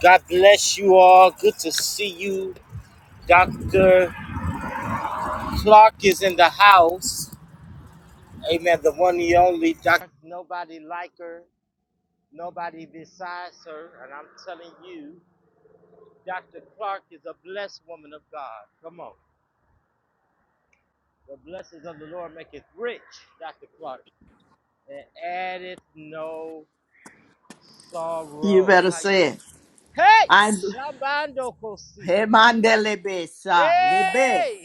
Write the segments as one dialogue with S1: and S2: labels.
S1: God bless you all. Good to see you. Dr. Clark is in the house. Amen. The one and only Dr. Nobody like her, nobody besides her. And I'm telling you, Dr. Clark is a blessed woman of God. Come on. The blessings of the Lord make it rich, Dr. Clark, and addeth no
S2: You
S1: sorrow.
S2: better
S1: How you
S2: say it.
S1: Hey,
S2: I'm
S1: Shabando Kosi.
S2: Hemandele Besa, Lebe,
S1: Hey,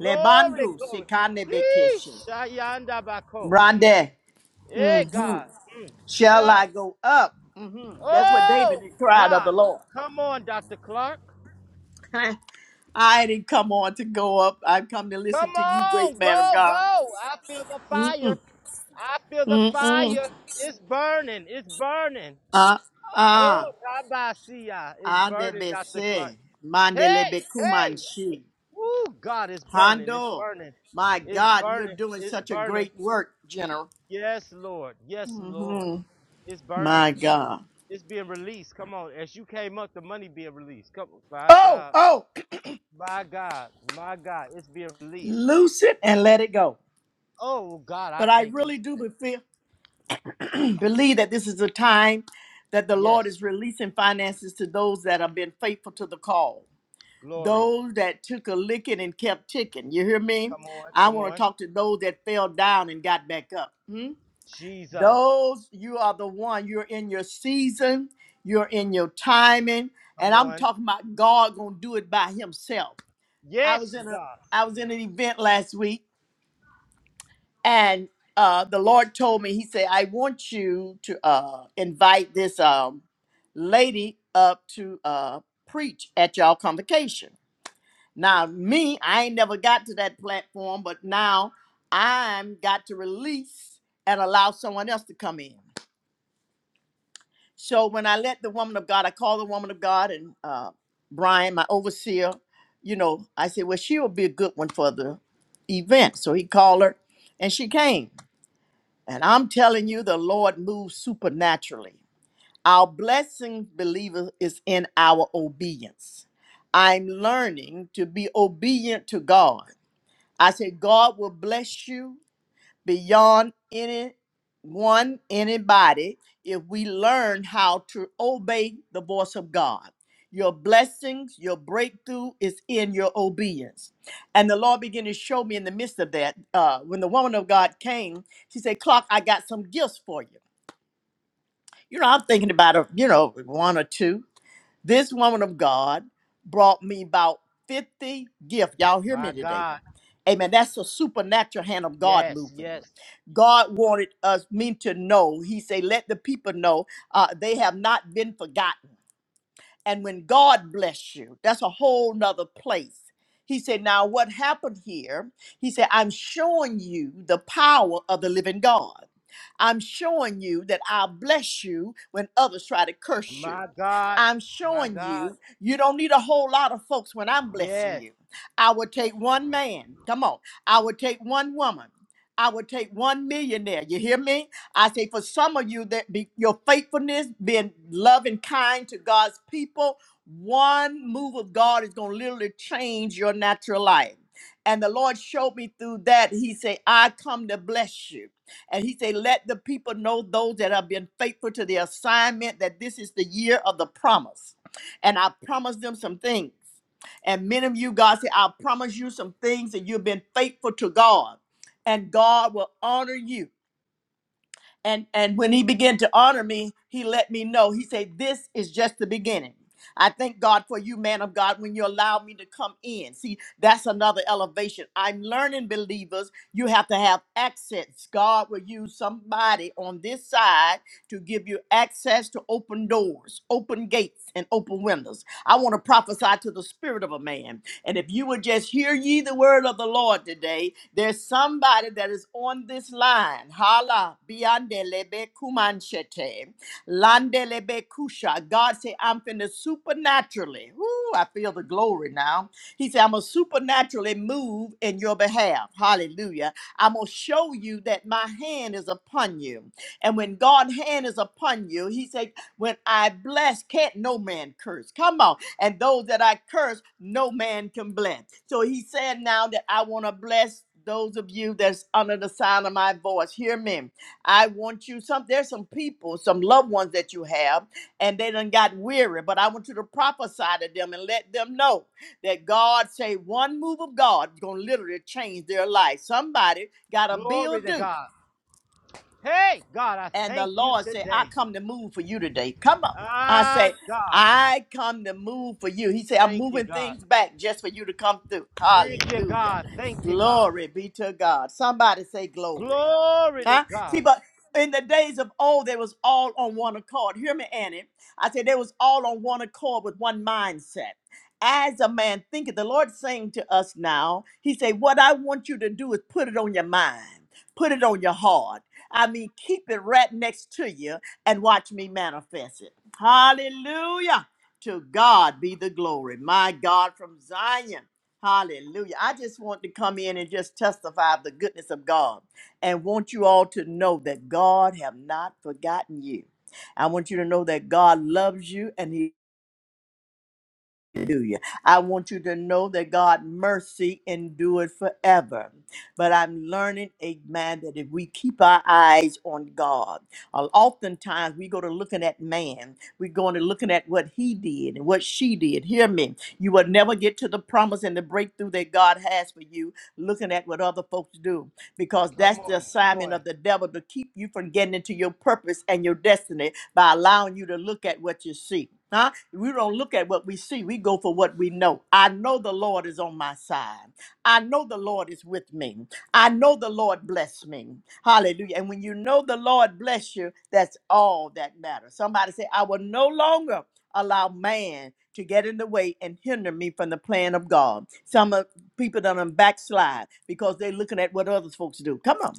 S1: glory,
S2: Lebandu,
S1: glory.
S2: Sikane
S1: Hee,
S2: Bekeshe.
S1: Shayanda Bako. Mm.
S2: Brande,
S1: Hey, God. Mm.
S2: shall
S1: Yeah.
S2: I go up? hmm That's what David
S1: Oh,
S2: cried of
S1: God.
S2: the Lord.
S1: Come on, Dr. Clark.
S2: I didn't come on to go up. I've come to listen
S1: Come
S2: to you, great
S1: on,
S2: man of
S1: go,
S2: God.
S1: go. I feel the fire. I feel the fire. It's burning. It's burning.
S2: Ah, ah,
S1: Oh, Rabbi Sia. It's burning, Dr. Clark.
S2: Adebese, Mandele
S1: Hey, hey,
S2: Bekumanshi.
S1: Woo, God it's burning. It's
S2: Hondo,
S1: burning.
S2: my
S1: It's
S2: God, you're
S1: burning.
S2: doing
S1: It's
S2: such a
S1: burning.
S2: great work, General.
S1: Yes, Lord. Yes, Lord. It's burning.
S2: My God.
S1: It's being released. Come on. As you came up, the money being released. Come on. My
S2: Oh,
S1: God.
S2: oh.
S1: My God. My God. It's being released.
S2: Loose it and let it go.
S1: Oh God, I
S2: But I
S1: thank you.
S2: really
S1: today.
S2: do be- feel, believe that this is a time that the Lord
S1: Yes.
S2: is releasing finances to those that have been faithful to the call.
S1: Glory.
S2: Those that took a licking and kept ticking. You hear me?
S1: Come on.
S2: I
S1: Come
S2: want to
S1: on.
S2: talk to those that fell down and got back up. Hmm?
S1: Jesus.
S2: Those, you are the one. You're in your season, you're in your timing. And
S1: Come
S2: I'm
S1: on.
S2: talking about God gonna do it by himself. I was
S1: Yes,
S2: in a
S1: God.
S2: I was in an event last week and uh, the Lord told me, He said, I want you to uh, invite this um, lady up to uh, preach at y'all convocation. Now, me, I ain't never got to that platform, but now I'm got to release and allow someone else to come in. So when I let the woman of God, I call the woman of God and uh, Brian, my overseer, you know, I said, well, she will be a good one for the event. So he called her and she came. And I'm telling you, the Lord moves supernaturally. Our blessing, believer, is in our obedience. I'm learning to be obedient to God. I said, God will bless you beyond any one anybody if we learn how to obey the voice of God. Your blessings, your breakthrough is in your obedience. And the Lord began to show me in the midst of that. Uh, when the woman of God came, she said, Clark, I got some gifts for you. You know, I'm thinking about, a, you know, one or two. This woman of God brought me about 50 gifts. Y'all hear me
S1: My
S2: today.
S1: God.
S2: Amen. That's a supernatural hand of God
S1: Yes.
S2: moving.
S1: Yes.
S2: God wanted us men to know. He said, "Let the people know uh, they have not been forgotten." and when God bless you, that's a whole nother place. He said, Now, what happened here? He said, I'm showing you the power of the living God. I'm showing you that I'll bless you when others try to curse you.
S1: My God.
S2: I'm
S1: My
S2: showing
S1: God.
S2: you, you don't need a whole lot of folks when I'm blessing
S1: Yes.
S2: you. I would take one man, come on, I would take one woman, I would take one millionaire. You hear me? I say for some of you that be, your faithfulness, being loving, kind to God's people, one move of God is going to literally change your natural life. And the Lord showed me through that. He said, I come to bless you. And he said, Let the people know those that have been faithful to the assignment that this is the year of the promise. And I promised them some things. And many of you, God said, I promise you some things that you've been faithful to God. And God will honor you and and when he began to honor me he let me know he said this is just the beginning i thank god for you man of god when you allow me to come in see that's another elevation i'm learning believers you have to have access god will use somebody on this side to give you access to open doors open gates and open windows i want to prophesy to the spirit of a man and if you would just hear ye the word of the Lord today, there's somebody that is on this line. Hala biandelebe kumanchete. Landelebe kusha. God say, I'm finna supernaturally. Ooh, I feel the glory now. He said, I'm gonna supernaturally move in your behalf. Hallelujah. I'm gonna show you that my hand is upon you. And when God's hand is upon you, he said, When I bless, can't no man curse. Come on and those that I curse, no man can bless. So he said now that I want to bless those of you that's under the sound of my voice. Hear me. I want you some there's some people, some loved ones that you have, and they done got weary, but I want you to prophesy to them and let them know that God say one move of God is gonna literally change their life. Somebody got a bill
S1: Glory to
S2: due.
S1: God. Hey, God, I
S2: And the
S1: thank you
S2: Lord said, I
S1: today.
S2: come to move for you today. Come on. I
S1: Ah,
S2: say,
S1: God.
S2: I come to move for you. He said, I'm
S1: Thank you,
S2: moving
S1: God.
S2: things back just for you to come through.
S1: Thank you,
S2: Hallelujah.
S1: God. Thank you, God.
S2: Glory be to God. Somebody say glory.
S1: Glory to
S2: Huh? See,
S1: God.
S2: but in the days of old, they was all on one accord. Hear me, Annie. I said they was all on one accord with one mindset. As a man thinketh, the Lord's saying to us now, He said, What I want you to do is put it on your mind, put it on your heart. I mean, keep it right next to you and watch me manifest it. Hallelujah. To God be the glory. My God from Zion. Hallelujah. I just want to come in and just testify of the goodness of God and want you all to know that God have not forgotten you. I want you to know that God loves you and he Hallelujah. I want you to know that God mercy endured forever. But I'm learning, amen, that if we keep our eyes on God, uh, oftentimes we go to looking at man. We're going to looking at what he did and what she did. Hear me. You will never get to the promise and the breakthrough that God has for you looking at what other folks do because
S1: Come
S2: that's the
S1: on, come
S2: assignment
S1: on.
S2: of the devil to keep you from getting into your purpose and your destiny by allowing you to look at what you see. Huh? We don't look at what we see, we go for what we know. I know the Lord is on my side. I know the Lord is with me. I know the Lord bless me. Hallelujah. And when you know the Lord bless you, that's all that matters. Somebody say, I will no longer allow man to get in the way and hinder me from the plan of God. Some of people done done backslide because they're looking at what others folks do. Come on.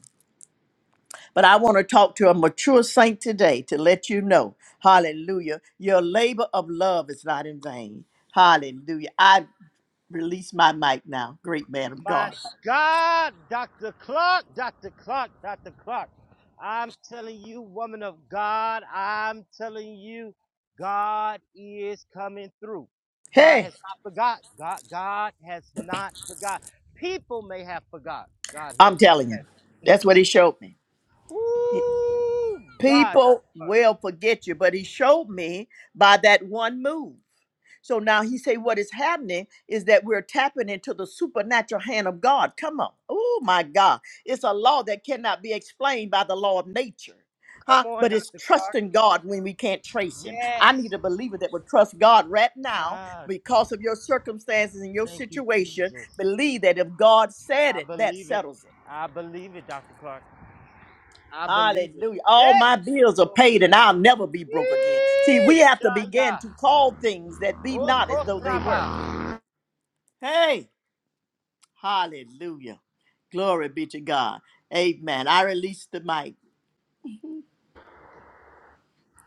S2: But I want to talk to a mature saint today to let you know, hallelujah, your labor of love is not in vain. Hallelujah. I release my mic now, great man of
S1: My
S2: God.
S1: God, Dr. Clark, Dr. Clark, Dr. Clark. I'm telling you, woman of God, I'm telling you, God is coming through. God
S2: Hey,
S1: has not forgot. God, God has not forgot. People may have forgot. God help
S2: I'm
S1: me
S2: telling you, that's
S1: today.
S2: what he showed me.
S1: Woo! God, Dr.
S2: People
S1: Clark.
S2: will forget you, but he showed me by that one move. So now he say what is happening is that we're tapping into the supernatural hand of God. Come on. Oh my God. It's a law that cannot be explained by the law of nature. Huh?
S1: Come on,
S2: But it's
S1: Dr. Clark.
S2: trusting God when we can't trace him. I
S1: Yes.
S2: need a believer that will trust God right now
S1: Ah, God.
S2: because of your circumstances and your
S1: Thank you,
S2: situation.
S1: Jesus.
S2: Believe that if God said
S1: I
S2: it, that
S1: believe it.
S2: settles it.
S1: I believe it, Dr. Clark. I believe it.
S2: Hallelujah. All
S1: Yeah.
S2: my bills are
S1: Glory.
S2: paid and I'll never be broke again. See, we
S1: Yeesh,
S2: have to
S1: yah,
S2: begin to
S1: yah.
S2: call things that be
S1: Oh,
S2: not as though they were.
S1: kotraba.
S2: Hey. Hallelujah. Glory be to God. Amen. I release the mic.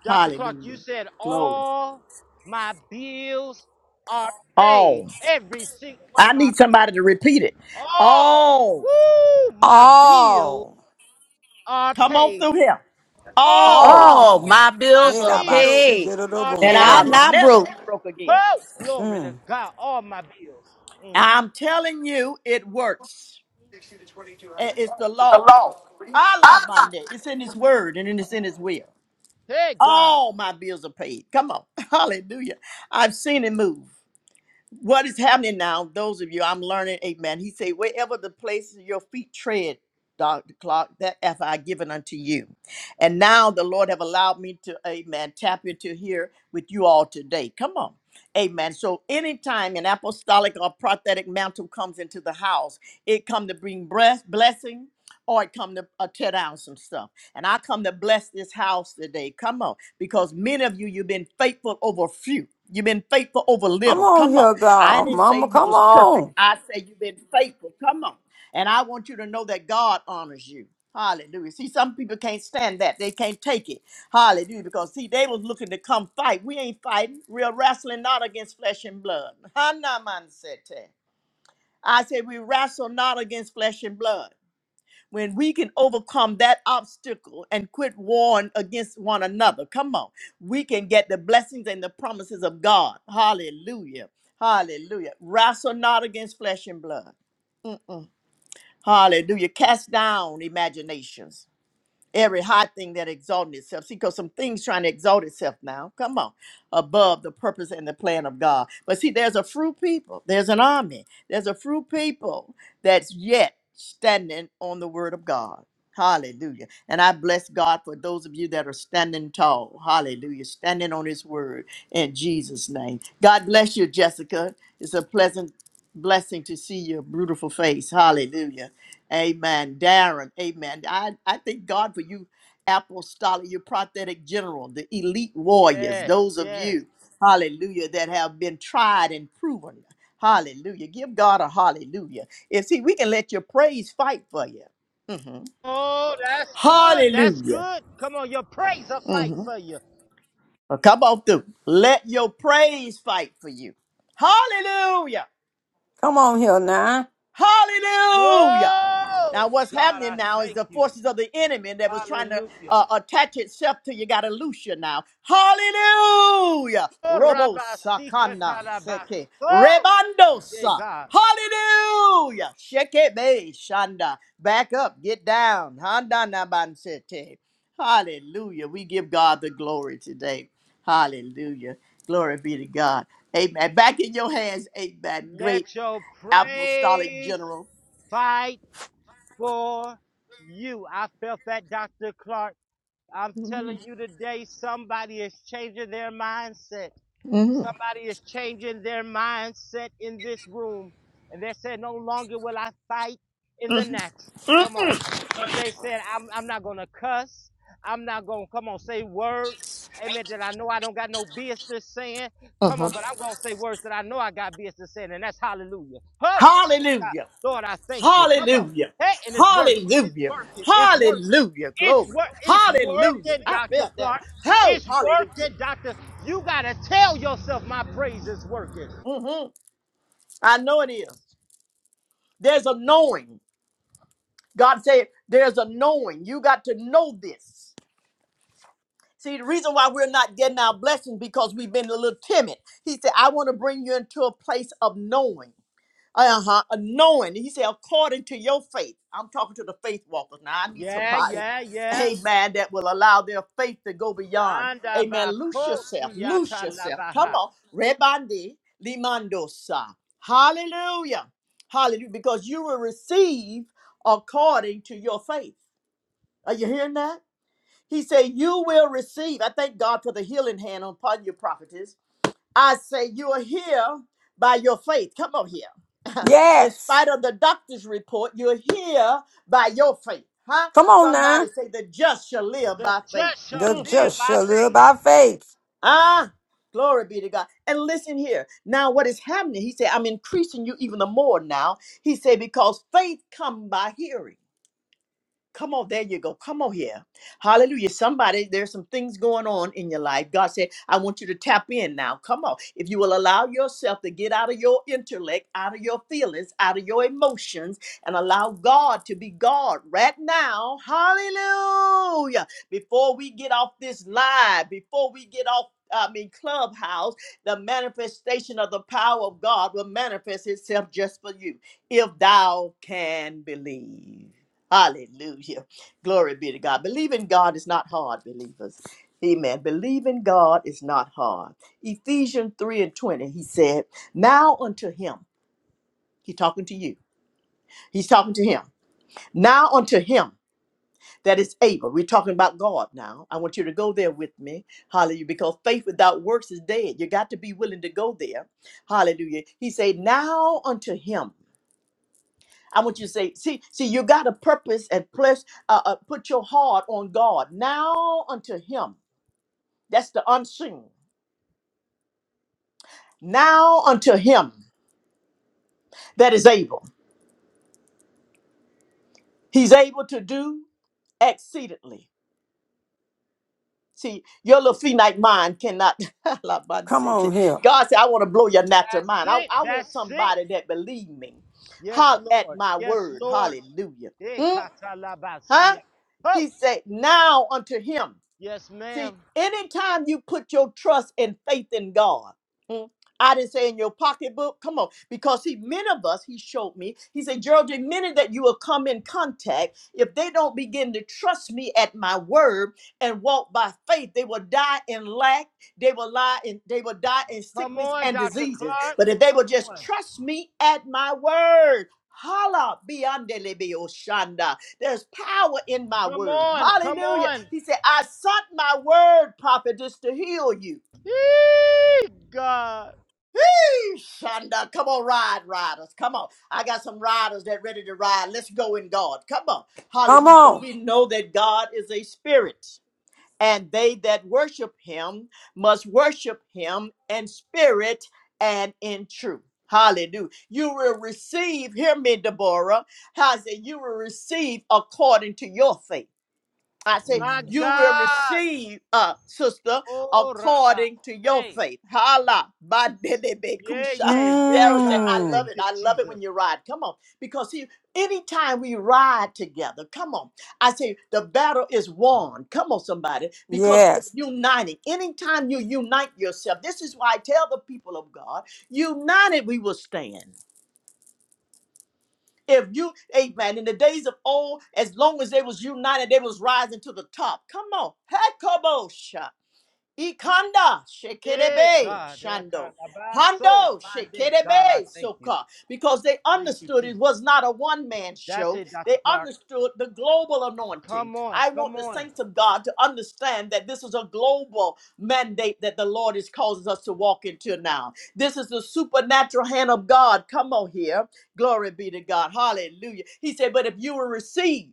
S1: Dr. Clark, you
S2: Hallelujah.
S1: said
S2: Glory.
S1: all my bills are paid.
S2: All.
S1: Every single one
S2: I
S1: of my
S2: need
S1: bills.
S2: somebody to repeat it.
S1: All.
S2: All.
S1: Woo! My bills
S3: all,
S1: are
S2: Come on through
S1: paid.
S2: here. All.
S1: all
S4: All
S3: all.
S4: my
S1: my
S4: bills are
S1: bills
S4: paid,
S1: are
S2: And
S4: and
S1: paid.
S2: I'll
S4: I'm
S3: Yidabasidirubunshaya.
S4: not
S2: never
S4: broke.
S2: be broke again.
S1: Whoa! Glory to
S3: Mm.
S1: God. All my bills. Mm.
S2: I'm telling you, it works. I- It's the law. Allah Mande. It's in his word and it's in his will.
S1: Hey, God.
S2: All my bills are paid. Come on. Hallelujah. I've seen it move. What is happening now, those of you, I'm learning, amen. He say, wherever the places your feet tread, Dr. Clark, that have I given unto you. And now the Lord have allowed me to, amen, tap into here with you all today. Come on. Amen. So anytime an apostolic or prophetic mantle comes into the house, it come to bring breath, blessing, or it come to uh, tear down some stuff. And I come to bless this house today. Come on. Because many of you, you've been faithful over few. You've been faithful over
S3: Come
S2: little.
S3: on
S2: Come on.
S3: here,
S2: I
S3: God,
S2: didn't say
S3: Mama.
S2: you
S3: Come
S2: was perfect.
S3: on,
S2: I said you've been faithful. Come on. And I want you to know that God honors you. Hallelujah. See, some people can't stand that. They can't take it. Hallelujah. Because see, they was looking to come fight. We ain't fighting. We're wrestling not against flesh and blood. Hanaman said that. I said we wrestle not against flesh and blood when we can overcome that obstacle and quit warring against one another. Come on. We can get the blessings and the promises of God. Hallelujah. Hallelujah. Wrestle not against flesh and blood. Mm-mm. Hallelujah. Cast down imaginations every high thing that exalted itself. See, because some things trying to exalt itself now. Come on, above the purpose and the plan of God. But see, there's a fruit people. There's an army. There's a fruit people that's yet standing on the word of God. Hallelujah. And I bless God for those of you that are standing tall. Hallelujah. Standing on his word in Jesus' name. God bless you, Jessica. It's a pleasant blessing to see your beautiful face. Hallelujah. Amen. Darren, amen. I, I thank God for you, apostolic, you prophetic general, the elite warriors,
S1: Yes,
S2: those of
S1: yes.
S2: you, hallelujah, that have been tried and proven. Hallelujah. Give God a hallelujah. And see, we can let your praise fight for you. Mhm.
S1: Oh, that's good. That's
S2: Hallelujah.
S1: good. Come on, your praise will fight
S2: hmm
S1: for you.
S2: Come on through. Let your praise fight for you. Hallelujah.
S3: come on here now.
S1: Glory.
S2: Hallelujah. Now, what's
S1: God,
S2: happening
S1: I
S2: now is
S1: thank
S2: the
S1: you.
S2: forces of the enemy that was trying to
S1: Hallelujah.
S2: uh, attach itself to you got to loose you now. Hallelujah.
S1: Oh,
S2: Robo
S1: Rabba, Sika,
S2: sakana seke
S1: Oh, yeah,
S2: rebandosa.
S1: God.
S2: Hallelujah. Sheke be shanda. Back up. Get down. Handana bansete. Hallelujah. We give God the glory today. Hallelujah. Glory be to God. Amen. Back in your hands. Amen. Great
S1: Let your
S2: apostolic
S1: praise
S2: general.
S1: fight for you. I felt that, Dr. Clark. I'm telling you today, somebody is changing their mindset. Somebody is changing their mindset in this room. And they said, No longer will I fight in the natural. Come on. But they said, I'm, I'm not going to cuss. I'm not going to come on, say words. Amen. That I know I don't got no business saying. Come on, but I'm going to say words that I know I got business saying. And that's hallelujah. Oh, shit,
S2: Hallelujah.
S1: Lord, I thank you. Come on.
S2: Hallelujah.
S1: Hey, and it's working. It's
S2: Hallelujah.
S1: working. It's working.
S2: Hallelujah.
S1: It's
S2: Glory.
S1: work. It's
S2: Hallelujah.
S1: working,
S2: I
S1: Dr.
S2: felt that
S1: Clark.
S2: one. Oh,
S1: It's
S2: hallelujah.
S1: working, Dr. You got to tell yourself my praise is working.
S2: hmm I know it is. There's a knowing. God said, there's a knowing. You got to know this. See, the reason why we're not getting our blessings because we've been a little timid. He said, I want to bring you into a place of knowing. Uh-huh. Knowing. He said, according to your faith. I'm talking to the faith walkers. Now I need
S1: Yeah,
S2: somebody,
S1: yeah, yeah.
S2: amen, that will allow their faith to go beyond.
S1: Anda
S2: Amen. Loose yourself.
S1: bakosi
S2: Loose
S1: yata
S2: yourself. Come
S1: labaha.
S2: on. Rebandi limandosa. Hallelujah. Hallelujah. Because you will receive according to your faith. Are you hearing that? He said, You will receive. I thank God for the healing hand upon your prophetess. I say you are here by your faith. Come on here. In
S3: Yes,
S2: spite of the doctor's report, you're here by your faith. Huh?
S3: come on
S2: Somebody
S3: now.
S2: say the just shall live
S1: The
S2: by faith.
S1: just shall
S3: The
S1: live
S2: Mhm.
S3: just
S1: by
S3: shall live
S1: faith.
S3: by faith.
S2: Ah, glory be to God. And listen here. Now, what is happening? He said, I'm increasing you even the more now. He said, because faith come by hearing. Come on, there you go. Come on here. Hallelujah. Somebody, there's some things going on in your life. God said, I want you to tap in now. Come on. If you will allow yourself to get out of your intellect, out of your feelings, out of your emotions, and allow God to be God right now. Hallelujah. Before we get off this live, before we get off. I mean, clubhouse, the manifestation of the power of God will manifest itself just for you if thou can believe. Hallelujah. Glory be to God. Believing God is not hard, believers. Amen. Believing God is not hard. Ephesians 3 and 20, he said, Now unto him, he's talking to you, he's talking to him. Now unto him that is able. We're talking about God now. I want you to go there with me. Hallelujah. Because faith without works is dead. You got to be willing to go there. Hallelujah. He said, Now unto him. I want you to say, see, see, you got a purpose and place. Uh, uh, put your heart on God. Now unto Him. That's the unseen. Now unto Him that is able. He's able to do exceedingly. See, your little finite mind cannot. La ban
S3: Come
S2: city.
S3: on here.
S2: God said, I want to blow your natural
S1: That's
S2: mind. I,
S1: it.
S2: I want
S1: That's it.
S2: somebody that believe me.
S1: Yes,
S2: Holler at
S1: Lord.
S2: my
S1: Yes,
S2: word.
S1: Lord.
S2: Hallelujah.
S1: Eh,
S2: Hmm? Huh?
S1: katalabasia. Oh,
S2: He said, now unto him.
S1: yes, ma'am.
S2: See, anytime you put your trust and faith in God, mm, I didn't say in your pocketbook, come on, because he, many of us, he showed me, he said, Geraldine, many that you will come in contact, if they don't begin to trust me at my word and walk by faith, they will die in lack, they will lie in, they will die in
S1: Come
S2: sickness
S1: on,
S2: and
S1: Dr.
S2: diseases.
S1: Clark.
S2: But if they will
S1: Come
S2: just
S1: on.
S2: trust me at my word, holla beyond there's power in my
S1: Come
S2: word.
S1: on. Come
S2: Hallelujah.
S1: on.
S2: He said, I sent my word, prophetess, to heal you.
S1: Yee, God.
S2: Eesh, Shonda, come on, ride, riders. Come on. I got some riders that ready to ride. Let's go in God. Come on.
S3: Come
S2: Hallelujah. For
S3: on.
S2: we know that God is a spirit, and they that worship him must worship him in spirit and in truth. Hallelujah. You will receive, hear me, Deborah. How I say, you will receive according to your faith. I say,
S1: My
S2: you will
S1: God.
S2: receive, uh, sister,
S1: Oh, Rabbi.
S2: according to your
S1: Hey.
S2: faith. Hala, ba de de be
S1: Yeah,
S2: kusha.
S1: yeah, yeah,
S2: Dara said,
S1: God.
S2: I love
S1: Thank
S3: Mm.
S2: it.
S1: you,
S2: I love it when
S1: Jesus.
S2: you ride. Come on. Because see, anytime we ride together, come on. I say, the battle is won. Come on, somebody. Because we're
S3: Yes.
S2: uniting. Anytime you unite yourself, this is why I tell the people of God, united we will stand. If you, amen, in the days of old, as long as they was united, they was rising to the top. Come on. Hekobosha. Ikanda
S1: Yeah,
S2: shekerebe
S1: God. Eh,
S2: shando.
S1: katalabaso.
S2: Hando
S1: My day. God, I
S2: shekerebe
S1: thank you.
S2: soka. Because they
S1: Thank you,
S2: understood it
S1: Jesus.
S2: was not a one man
S1: That's
S2: show.
S1: it,
S2: They
S1: Dr. Clark.
S2: understood the global anointing.
S1: Come on,
S2: I want
S1: come
S2: the
S1: on.
S2: saints of God to understand that this is a global mandate that the Lord is causing us to walk into now. This is the supernatural hand of God. Come on here. Glory be to God. Hallelujah. He said, But if you will receive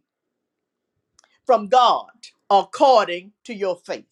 S2: from God according to your faith.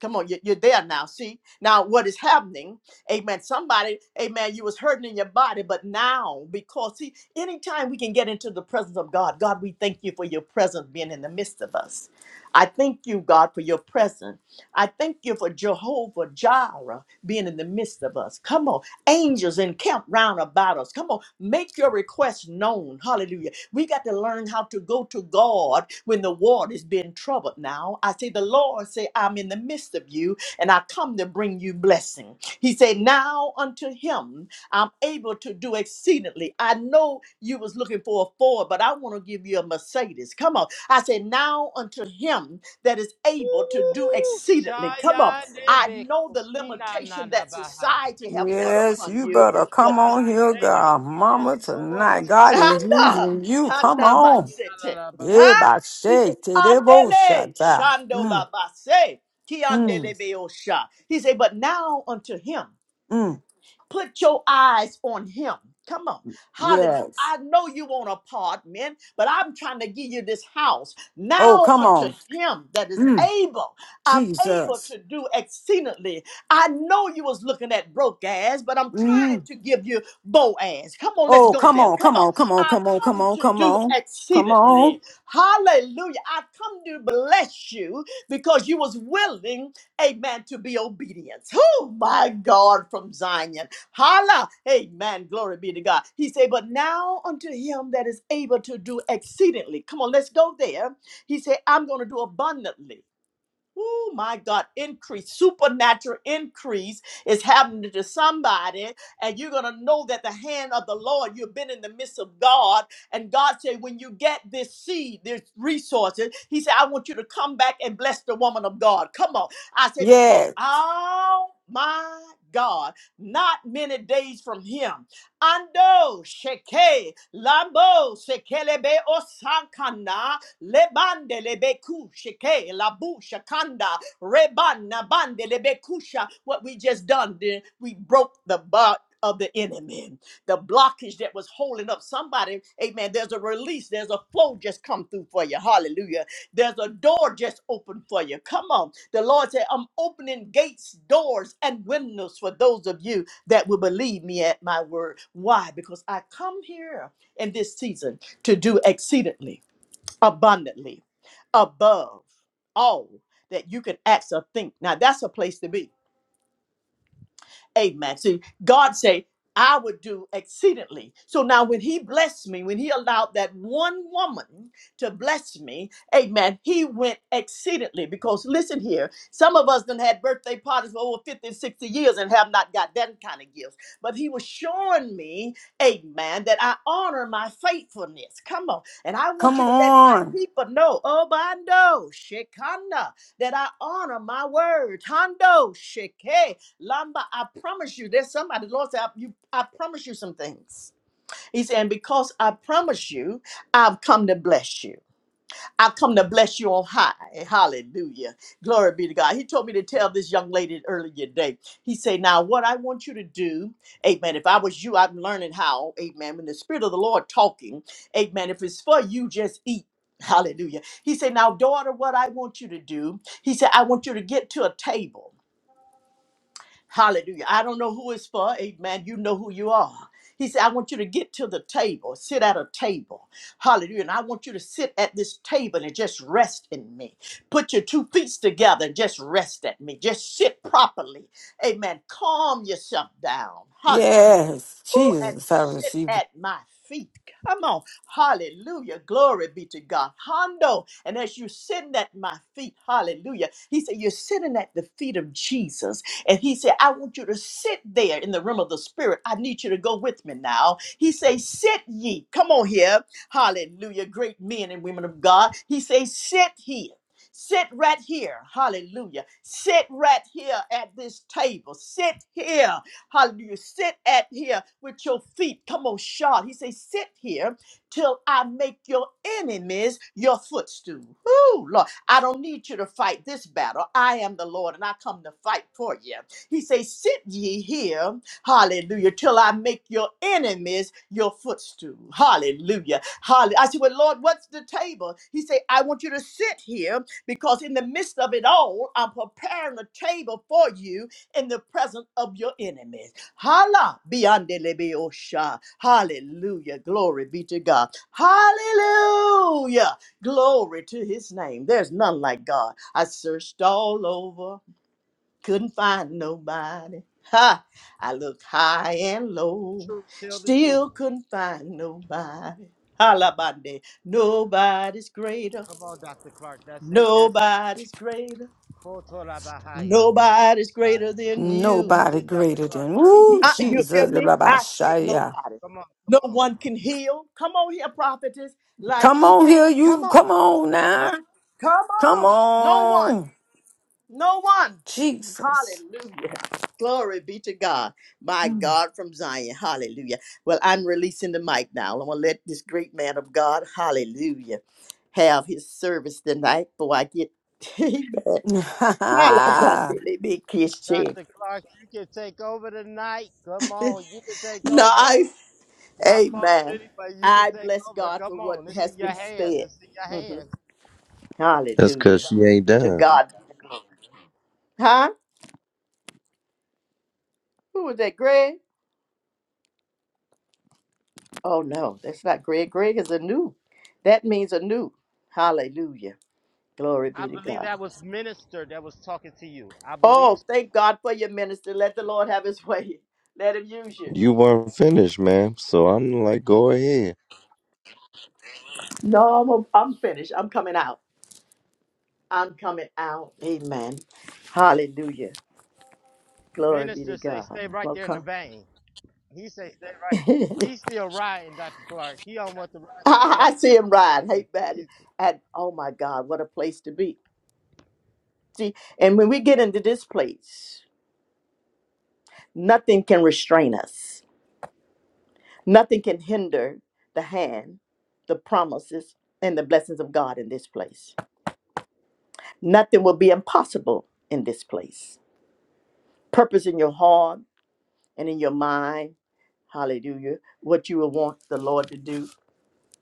S2: Come on, you- you're there now. See, now what is happening? Amen. Somebody, amen, you was hurting in your body, but now, because see, anytime we can get into the presence of God, God, we thank you for your presence being in the midst of us. I thank you, God, for your presence. I thank you for Jehovah Jireh being in the midst of us. Come on, angels encamped round about us. Come on, make your request known. Hallelujah. We got to learn how to go to God when the water's been troubled now. I say, the Lord say, I'm in the midst of you and I come to bring you blessing. He said, now unto him I'm able to do exceedingly. I know you was looking for a Ford, but I want to give you a Mercedes. Come on. I said, now unto him that is able to do
S1: Ooh,
S2: exceedingly. Come on.
S1: Shayande
S2: I know the
S1: Bekosina
S2: limitation that
S1: Nadabaha.
S2: society have put
S3: Yes,
S2: upon
S3: you
S2: you,
S3: better
S2: but.
S3: come
S1: God,
S3: on
S1: I
S3: here,
S1: thank
S3: God,
S1: you.
S3: Mama,
S1: Yes, Lord
S3: tonight. God
S1: Jesus.
S3: is
S2: Handa,
S3: using you. Come
S2: Handa
S3: on.
S1: Ishina
S2: Mansete.
S1: Lalaba.
S3: Yeah,
S2: Huh?
S3: by
S2: He said,
S3: shade,
S2: Andele, Shandola Base,
S3: Mm,
S2: Kiandele Beosha. He said, but now unto him.
S3: mm,
S2: Put your eyes on him. Come on. Hallelujah.
S3: yes.
S2: I know you want an apartment, but I'm trying to give you this house.
S3: Oh,
S2: Now
S3: come
S2: unto
S3: on.
S2: him that is
S3: Mm,
S2: able, I'm able
S3: Jesus.
S2: to do exceedingly. I know you was looking at broke ass, but I'm trying
S3: Mm.
S2: to give you bow ass. Come on, let's
S3: Oh,
S2: go
S3: come
S2: there.
S3: on,
S2: Come
S3: come
S2: on.
S3: on, come on,
S2: I
S3: come on, come
S2: come
S3: on,
S2: to
S3: come
S2: do
S3: on, come
S2: exceedingly.
S3: on.
S2: Hallelujah. I come to bless you because you was willing, amen, to be obedient. Oh my God from Zion. Holla. Amen. Glory be to God. He said, But now unto him that is able to do exceedingly. Come on, let's go there. He said, I'm going to do abundantly. Oh my God, increase, supernatural increase is happening to somebody, and you're gonna know that the hand of the Lord, you've been in the midst of God, and God said, When you get this seed, this resources, He said, I want you to come back and bless the woman of God. Come on. I said, Because
S3: Yes,
S2: oh my God, not many days from him. Ando Sheke Lambo Sekelebe Osankana lebande lebeku ke la busha kanda rebana bande lebekusha. What we just done, then we broke the butt of the enemy the blockage that was holding up somebody. Amen. There's a release. There's a flow just come through for you. Hallelujah. There's a door just open for you. Come on. The Lord said, I'm opening gates, doors, and windows for those of you that will believe me at my word. Why? Because I come here in this season to do exceedingly abundantly above all that you can ask or think. Now that's a place to be Amen. See, God say, I would do exceedingly. So now when he blessed me, when he allowed that one woman to bless me, amen, he went exceedingly. Because listen here, some of us done had birthday parties for over 50, 60 years and have not got that kind of gifts. But he was showing me, amen, that I honor my faithfulness. Come on. And I want
S3: come
S2: you to let my
S3: on.
S2: people know, oh, I know, that I honor my word. Hondo, Sheke. Lamba, I promise you, there's somebody, the Lord said, I, you, I promise you some things. He said, and because I promise you, I've come to bless you. I've come to bless you on high. Hallelujah. Glory be to God. He told me to tell this young lady earlier today. He said, Now, what I want you to do, amen. If I was you, I'm learning how, amen. When the Spirit of the Lord talking, amen. If it's for you, just eat. Hallelujah. He said, Now, daughter, what I want you to do, he said, I want you to get to a table. Hallelujah. I don't know who it's for. Amen. You know who you are. He said, I want you to get to the table, sit at a table. Hallelujah. And I want you to sit at this table and just rest in me. Put your two feet together and just rest at me. Just sit properly. Amen. Calm yourself down. Hallelujah.
S3: Yes,
S2: Ooh, and
S3: Jesus, I
S2: sit
S3: receive it.
S2: at my feet. Come on. Hallelujah. Glory be to God. Hondo. And as you're sitting at my feet, hallelujah. He said, You're sitting at the feet of Jesus. And he said, I want you to sit there in the realm of the spirit. I need you to go with me now. He say, sit ye. Come on here. Hallelujah. Great men and women of God. He say, sit here. Sit right here. Hallelujah. Sit right here at this table. Sit here. Hallelujah. Sit at here with your feet. Come on, shod. He say, sit here till I make your enemies your footstool. Whoo, Lord. I don't need you to fight this battle. I am the Lord and I come to fight for you. He says, Sit ye here, hallelujah, till I make your enemies your footstool. Hallelujah. Hallelujah. I said, Well, Lord, what's the table? He said, I want you to sit here because in the midst of it all, I'm preparing a table for you in the presence of your enemies. Hala biandelebe osha. Hallelujah. Glory be to God. Hallelujah. Glory to his name. There's none like God. I searched all over, couldn't find nobody. Ha! I looked high and low,
S1: Truth, tell the truth.
S2: still couldn't find nobody. Halabande. Nobody's greater.
S1: Come on, Dr. Clark. That's it. That's it.
S2: Nobody's greater.
S1: Kotorabahaya.
S2: Nobody's
S1: God,
S2: greater than you.
S1: That's
S3: nobody
S1: it, Dr.
S3: greater
S1: Clark.
S3: than
S1: Come,
S3: Ooh,
S2: I,
S1: come on.
S2: you hear
S3: Jesus.
S2: me? I say
S3: Rabashaya.
S2: nobody.
S1: Come on.
S2: No
S1: Come on.
S2: one can heal. Come on here, prophetess, like
S3: Come
S2: he
S3: on here,
S2: can. Come
S3: you.
S2: on.
S3: Come on
S2: Huh?
S3: now.
S2: Come
S3: Come
S2: on. No one.
S3: on,
S2: No one.
S3: Jesus.
S2: Hallelujah. Glory be to God. My
S3: Mm.
S2: God from Zion. Hallelujah. Well, I'm releasing the mic now. I'm going to let this great man of God, hallelujah, have his service tonight before I get. Amen. Hallelujah.
S1: Dr. Clark, you can take over tonight. Come on. You can take
S2: No,
S1: over.
S2: I,
S1: My fault,
S2: amen.
S1: but You can
S2: I
S1: take
S2: bless
S1: over.
S2: God for
S1: Come
S2: what
S1: on. It's
S2: has
S1: in your
S2: been
S1: hands.
S2: said.
S1: It's in your
S2: Mhm.
S1: hands.
S5: That's because
S2: Hallelujah.
S5: she ain't
S2: To
S5: done.
S2: God. Huh? Who was that, Greg? Oh no, that's not Greg. Greg is a new. That means a new. Hallelujah. Glory
S1: I
S2: be to
S1: believe
S2: God.
S1: that was minister that was talking to you. I believe
S2: Oh,
S1: so.
S2: thank God for your minister. Let the Lord have his way. Let him use you.
S5: You weren't finished, ma'am. So I'm like, go ahead.
S2: No, I'm, I'm finished. I'm coming out. I'm coming out. Amen. Hallelujah. Glory be to
S1: minister say
S2: God.
S1: stay
S2: I'm
S1: right
S2: gonna
S1: there in the
S2: come.
S1: vein. He say stay right. He's still riding, Dr. Clark. He don't want the ride to be
S2: I
S1: over.
S2: see him ride. Hey,
S1: It's
S2: man. And oh my God, what a place to be. See, and when we get into this place, nothing can restrain us. Nothing can hinder the hand, the promises, and the blessings of God in this place. Nothing will be impossible in this place. Purpose in your heart and in your mind, hallelujah, what you will want the Lord to do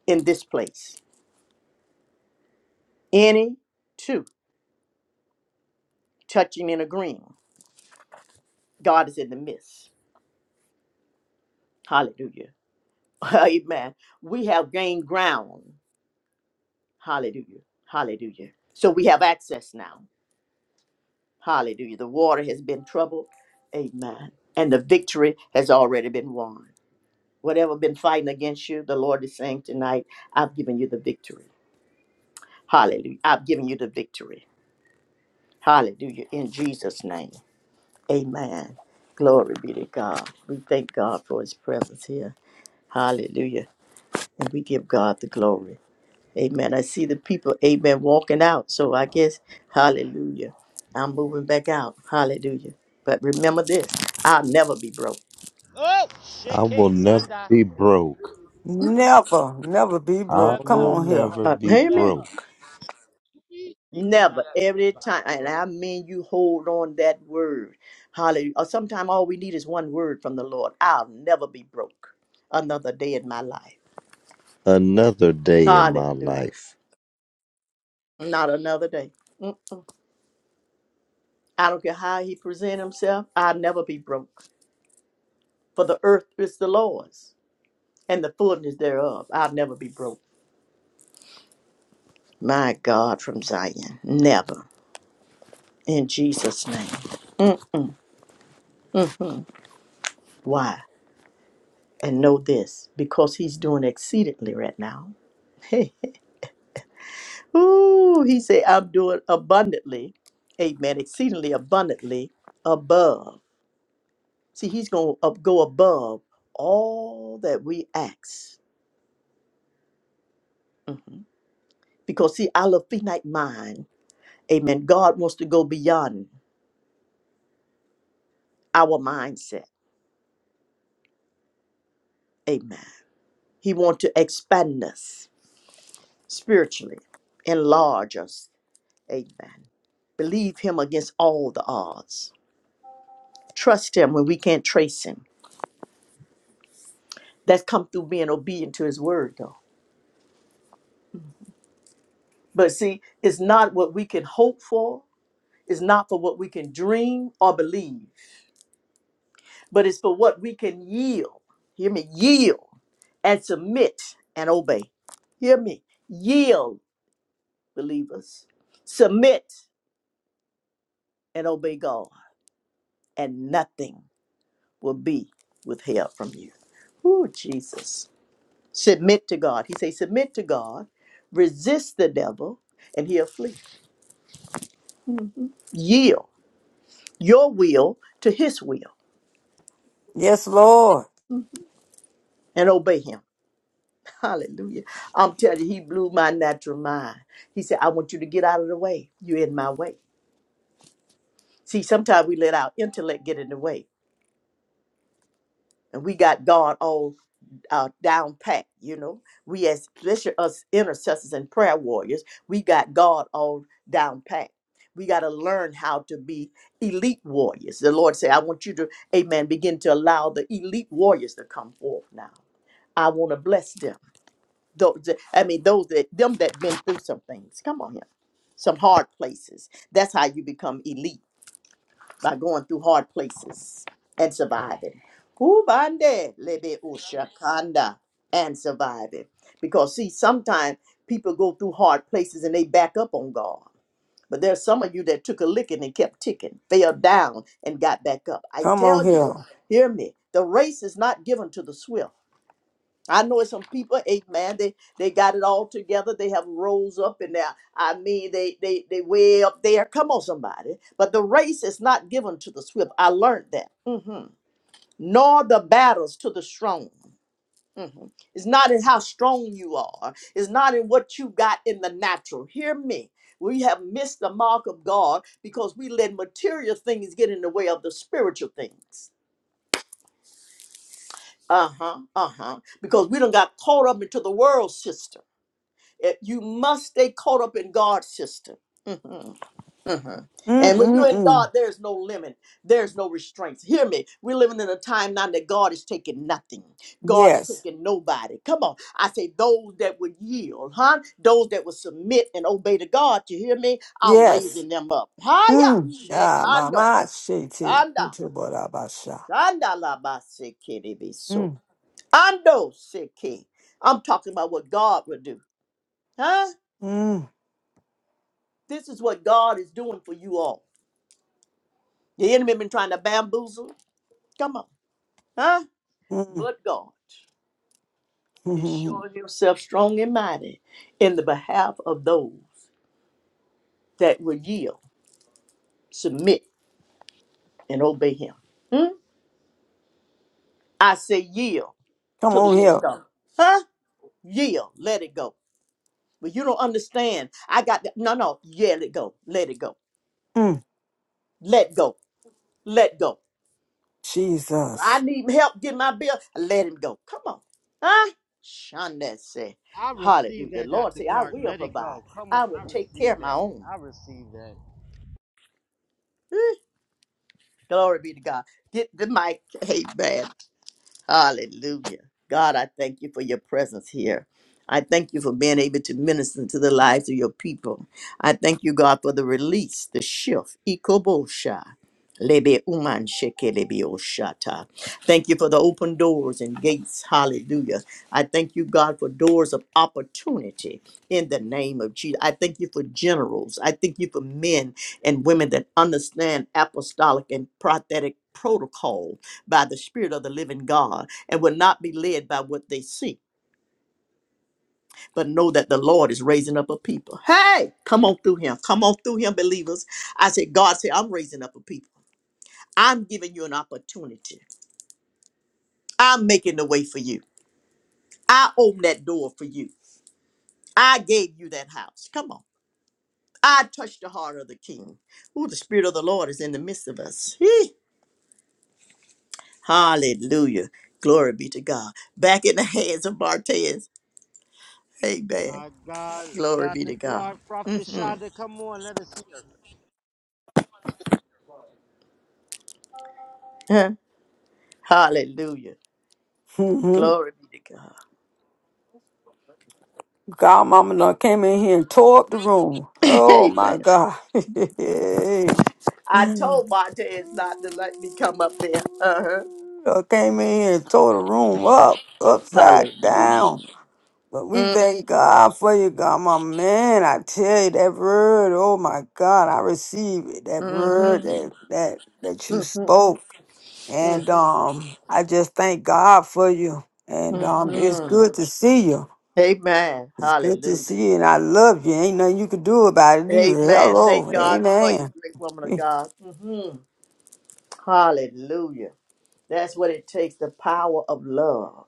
S2: in this place. Any two touching and agreeing, God is in the midst. Hallelujah. Amen. We have gained ground. Hallelujah. Hallelujah. So we have access now. Hallelujah. The water has been troubled. Amen. And the victory has already been won. Whatever been fighting against you, the Lord is saying tonight, I've given you the victory. Hallelujah. I've given you the victory. Hallelujah. In Jesus' name. Amen. Glory be to God. We thank God for his presence here. Hallelujah. And we give God the glory. Amen. I see the people, amen, walking out. So I guess, hallelujah, I'm moving back out. Hallelujah. But remember this I'll never be broke.
S1: Oh, shit,
S5: I will
S1: hey,
S5: never
S1: manda.
S5: be
S1: Mm.
S5: broke.
S1: Manda.
S3: never, never be
S5: I
S3: broke. Come
S5: will
S1: Never
S3: on
S1: be
S3: here.
S5: never
S2: Uh,
S5: be
S1: broken. Never.
S2: amen.
S5: broke
S1: Iki nada
S2: Never. Every
S1: braba.
S2: time. And
S1: So
S2: I mean, you hold on that word. Hallelujah. Or sometimes all we need is one word from the Lord I'll never be broke another day in my life.
S5: another day in my
S2: Hallelujah.
S5: life.
S2: Not another day. Mm. I don't care how he present himself, I'll never be broke. For the earth is the Lord's and the fullness thereof. I'll never be broke. My God from Zion. Never. In Jesus' name. Why? And know this because he's doing exceedingly right now. Ooh, he said, I'm doing abundantly. Amen. Exceedingly abundantly above. See, he's going to go above all that we ask. Mhm. Because, see, our finite mind, amen, God wants to go beyond our mindset. Amen. He wants to expand us. spiritually. Enlarge us. Amen. Believe him against all the odds. Trust him when we can't trace him. That's come through being obedient to his word, though. But see, it's not what we can hope for, it's not for what we can dream or believe, but it's for what we can yield. Hear me? Yield and submit and obey. Hear me? Yield, believers. Submit and obey God, and nothing will be withheld from you. Ooh, Jesus. Submit to God. He says, submit to God, resist the devil, and he'll flee. Yield your will to his will
S3: Yes, Lord.
S2: and obey him. Hallelujah. I'm telling you, he blew my natural mind. He said, I want you to get out of the way. You're in my way. See, sometimes we let our intellect get in the way. And we got God all uh, down pat. You know, we as especially us intercessors and prayer warriors, we got God all down pat. We got to learn how to be elite warriors. The Lord said, "I want you to, Amen, begin to allow the elite warriors to come forth now. I want to bless them. Those, that- I mean, those that them that been through some things. Come on here, some hard places. That's how you become elite." by going through hard places and surviving. Kubande lebe ushakanda and surviving. Because see, sometimes people go through hard places and they back up on God. But there's some of you that took a licking and kept ticking, fell down and got back up. I
S3: Come on
S2: tell you,
S3: here.
S2: hear me, the race is not given to the swift. I know it's some people, amen, they, they got it all together. They have rose up and they're, I mean, they, they, they way up there. Come on, somebody. But the race is not given to the swift. I learned that. Mhm. Nor the battles to the strong. Mhm. It's not in how strong you are. It's not in what you got in the natural. Hear me. We have missed the mark of God because we let material things get in the way of the spiritual things. Uh huh. Uh huh. Because we don't got caught up into the world system It- you must stay caught up in God's system. Mhm, mhm.
S3: Mm,
S2: And when
S3: mm,
S2: you're in God,
S3: mm.
S2: there's no limit, there's no restraints. Hear me. We're living in a time now that God is taking nothing, God is
S3: Yes.
S2: taking nobody. Come on. I say, those that would yield, huh? Those that would submit and obey to God, you hear me? I'm
S3: Yes.
S2: raising them up. Haya,
S3: Mm. Ah,
S2: shekando,
S3: mama, shitty. Mm,
S2: anda, anda la ba se ke de be so. Ando seke. I'm talking about what God would do, huh?
S3: mm,
S2: This is what God is doing for you all. The enemy been trying to bamboozle. Come on, huh?
S3: mm.
S2: But God
S3: mm.
S2: is showing Himself strong and mighty in the behalf of those that will yield, submit, and obey Him. Hmm? I say yield
S3: Come
S2: to the
S3: on
S2: will of
S3: here.
S2: God, huh? Yield, let it go. But you don't understand. I got that. no, no. Yeah, let it go. Let it go.
S3: Mm.
S2: Let go. Let go. I
S3: Jesus.
S2: need help get my bill. Let him go. Come on. Huh? Shonda said,
S1: I receive
S2: Hallelujah. The
S1: that,
S2: Lord
S1: Dr.
S2: said, I
S1: Clark.
S2: will
S1: Let it
S2: provide.
S1: go. Come on,
S2: I will
S1: I
S2: take care
S1: receive
S2: of my
S1: that.
S2: own.
S1: I receive that.
S2: Eh, Glory be to God. Get the mic. Amen. Hallelujah. God, I thank you for your presence here. I thank you for being able to minister to the lives of your people. I thank you, God, for the release, the shift. Ikobosha. Lebe uman sheke lebe oshata. Thank you for the open doors and gates. Hallelujah. I thank you, God, for doors of opportunity in the name of Jesus. I thank you for generals. I thank you for men and women that understand apostolic and prophetic protocol by the Spirit of the living God and will not be led by what they see, but know that the Lord is raising up a people. Hey, come on through him. Come on through him, believers. I said, God said, I'm raising up a people. I'm giving you an opportunity. I'm making the way for you. I opened that door for you. I gave you that house. Come on. I touched the heart of the king. Oh, the spirit of the Lord is in the midst of us. Hee. Hallelujah. Glory be to God. Back in the hands of Bartez. Amen.
S1: My God,
S2: Glory be
S1: Dr.
S2: to God.
S1: Clark, Prophet
S2: hmm
S1: Shonda, come on, let us hear.
S2: Hallelujah.
S3: Mm Mhm.
S2: Glory be to God.
S3: God, mama done came in here and tore up the room. Oh, my
S2: Amen.
S3: God. Done
S2: I told Bartez not to let me come up there. Uh-huh.
S3: came in here and tore the room up, upside
S2: Hallelujah.
S3: down. But we thank God for you, God, my man. I tell you that word. Oh my God, I receive it. That word
S2: Mm-hmm.
S3: that that that you
S2: Mm-hmm.
S3: spoke,
S2: Mm,
S3: and um, I just thank God for you. And
S2: mm,
S3: um, it's
S2: mm.
S3: good to see you.
S2: Amen.
S3: It's good to
S2: Hallelujah.
S3: see you, and I love you. Ain't nothing you can do about it either.
S2: Amen. Thank
S3: Hello,
S2: God for you,
S3: amen.
S2: great woman of God. hmm Hallelujah. That's what it takes the power of love.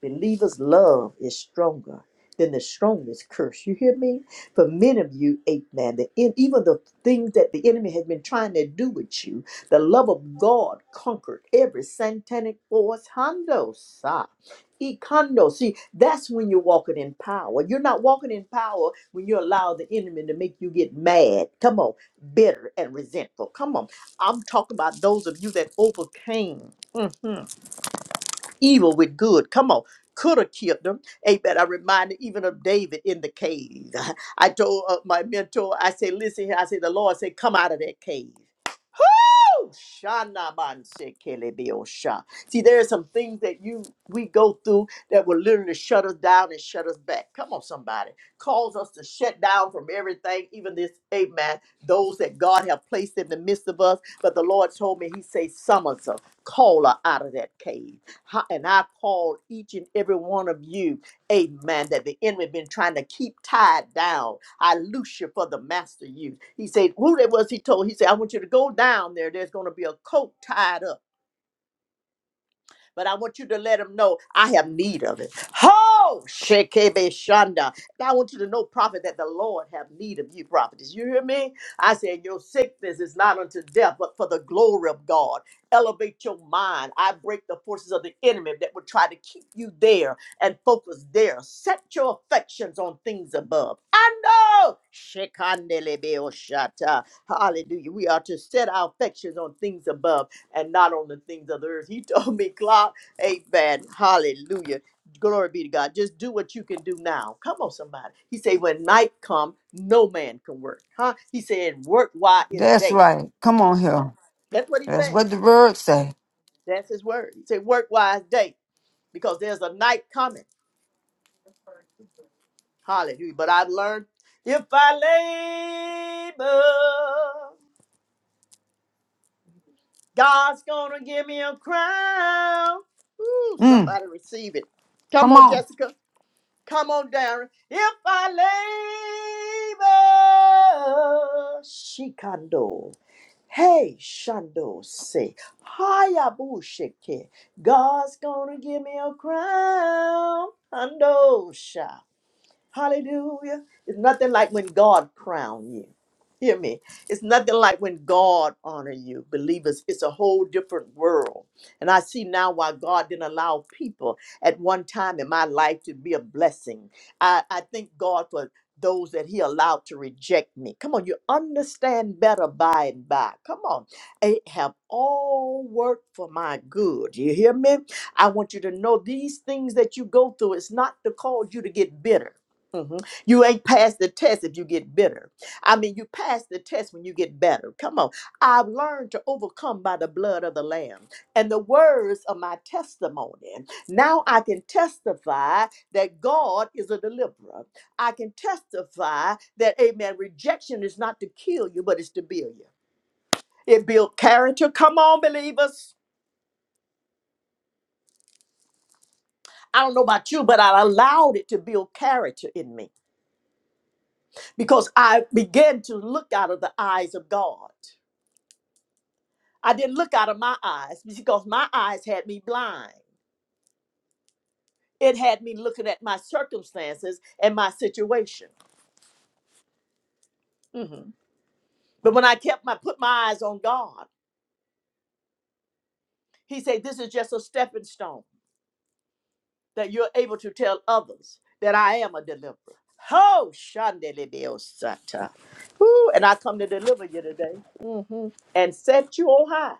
S2: Believers' love is stronger than the strongest curse. You hear me? For many of you, eight man, the en- even the things that the enemy has been trying to do with you, the love of God conquered every satanic force. Hondo, Handosa. Ekondo. See, that's when you're walking in power. You're not walking in power when you allow the enemy to make you get mad. Come on, bitter and resentful. Come on. I'm talking about those of you that overcame. Mhm evil with good. Come on. Could have killed them. Amen. I reminded even of David in the cave. I told uh, my mentor, I said, listen here. I said, the Lord said, come out of that cave. Shanabansekelebiosha. See, there are some things that you we go through that will literally shut us down and shut us back. Come on, somebody. Cause us to shut down from everything, even this, amen, those that God have placed in the midst of us. But the Lord told me, He says, summons us, call her out of that cave. Ha- And I called each and every one of you Amen. That the enemy been trying to keep tied down. I loose you for the master use. He said, who that was he told? He said, I want you to go down there. There's going to be a coat tied up but I want you to let him know I have need of it. Ho! Shekebe Shanda. And I want you to know, prophet, that the Lord have need of you, prophetess. You hear me? I said, Your sickness is not unto death, but for the glory of God. Elevate your mind. I break the forces of the enemy that would try to keep you there and focus there. Set your affections on things above. I know. Shekandelebe Oshata. Hallelujah. We are to set our affections on things above and not on the things of the earth. He told me, Clark, amen. Hallelujah. Glory be to God. Just do what you can do now. Come on, somebody. He said, when night come, no man can work. Huh? He said, work while it's
S3: That's
S2: day.
S3: right. Come on
S2: Hmm?
S3: here.
S2: That's what he
S3: That's
S2: said.
S3: what the word say.
S2: That's his word. He said, work while it's day because there's a night coming. Hallelujah. But I've learned if I labor, God's going to give me a crown. Ooh,
S3: Mm,
S2: somebody receive it. Come
S3: come
S2: on,
S3: on.
S2: Jessica. Come on down. If I labor, shikando. Hey, Shando, say, Hayabushike. God's gonna give me a crown. Handosha. Hallelujah. It's nothing like when God crown you. Hear me. It's nothing like when God honor you. Believers, it's a whole different world. And I see now why God didn't allow people at one time in my life to be a blessing. I, I thank God for those that he allowed to reject me. Come on, you understand better by and by. Come on. It have all worked for my good. You hear me? I want you to know these things that you go through, it's not to cause you to get bitter. Mhm. You ain't passed the test if you get bitter. I mean, you pass the test when you get better. Come on. I've learned to overcome by the blood of the Lamb and the words of my testimony. Now I can testify that God is a deliverer. I can testify that, amen, rejection is not to kill you, but it's to build you. It built character. Come on, believers. I don't know about you, but I allowed it to build character in me because I began to look out of the eyes of God. I didn't look out of my eyes because my eyes had me blind. It had me looking at my circumstances and my situation. Mhm. But when I kept my put my eyes on God, He said, "This is just a stepping stone that you're able to tell others that I am a deliverer." Ho, Shandelibiosata. Woo, and I come to deliver you today Mhm. and set you on high.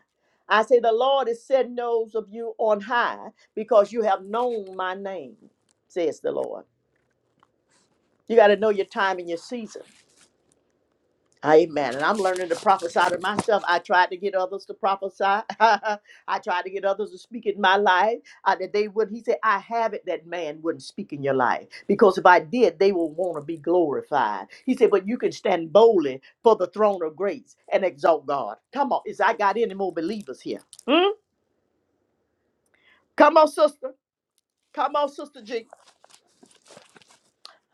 S2: I say, The Lord is setting those of you on high because you have known my name, says the Lord. You got to know your time and your season. Amen. And I'm learning to prophesy to myself. I tried to get others to prophesy. I tried to get others to speak in my life. Uh, that they would. He said, "I have it that man wouldn't speak in your life because if I did, they will want to be glorified." He said, "But you can stand boldly for the throne of grace and exalt God." Come on, is I got any more believers here? Hmm? Come on, sister. Come on, sister G.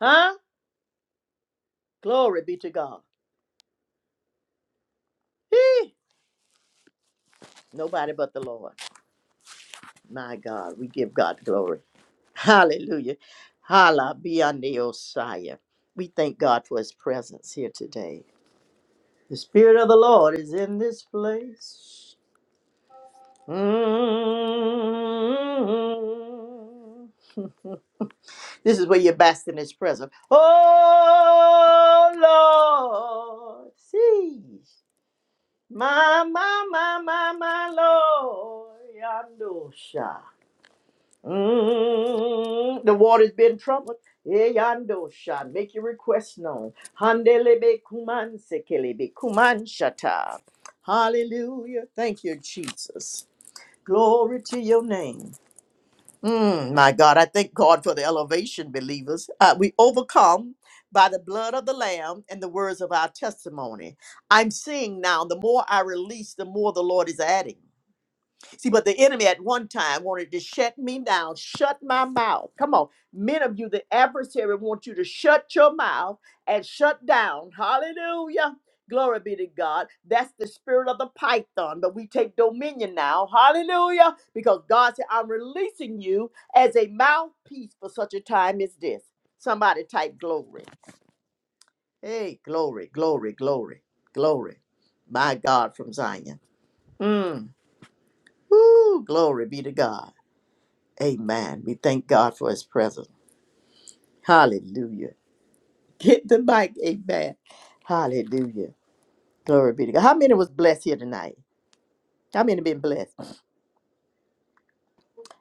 S2: Huh? Glory be to God. Hee. Nobody but the Lord. My God, we give God glory. Hallelujah. Hala beyond Osiah. We thank God for his presence here today. The Spirit of the Lord is in this place. Mm. This is where you're basking in his presence. Oh Lord. See. My, my, my, my, my Lord. Yandosha. Mm, the water's been troubled. Eh, yando sha. Make your request known. Handelebe kuman sekelebe kuman shata. Hallelujah. Thank you, Jesus. Glory to your name. Mm, my God, I thank God for the elevation, believers. Uh, we overcome by the blood of the Lamb and the words of our testimony. I'm seeing now, the more I release, the more the Lord is adding. See, but the enemy at one time wanted to shut me down, shut my mouth. Come on. Many of you, the adversary wants you to shut your mouth and shut down. Hallelujah. Glory be to God. That's the spirit of the python, but we take dominion now. Hallelujah. Because God said, I'm releasing you as a mouthpiece for such a time as this. Somebody type glory. Hey, glory, glory, glory, glory. My God from Zion. Mm. Woo, glory be to God. Amen. We thank God for his presence. Hallelujah. Get the mic. Amen. Hallelujah. Glory be to God. How many was blessed here tonight? How many been blessed?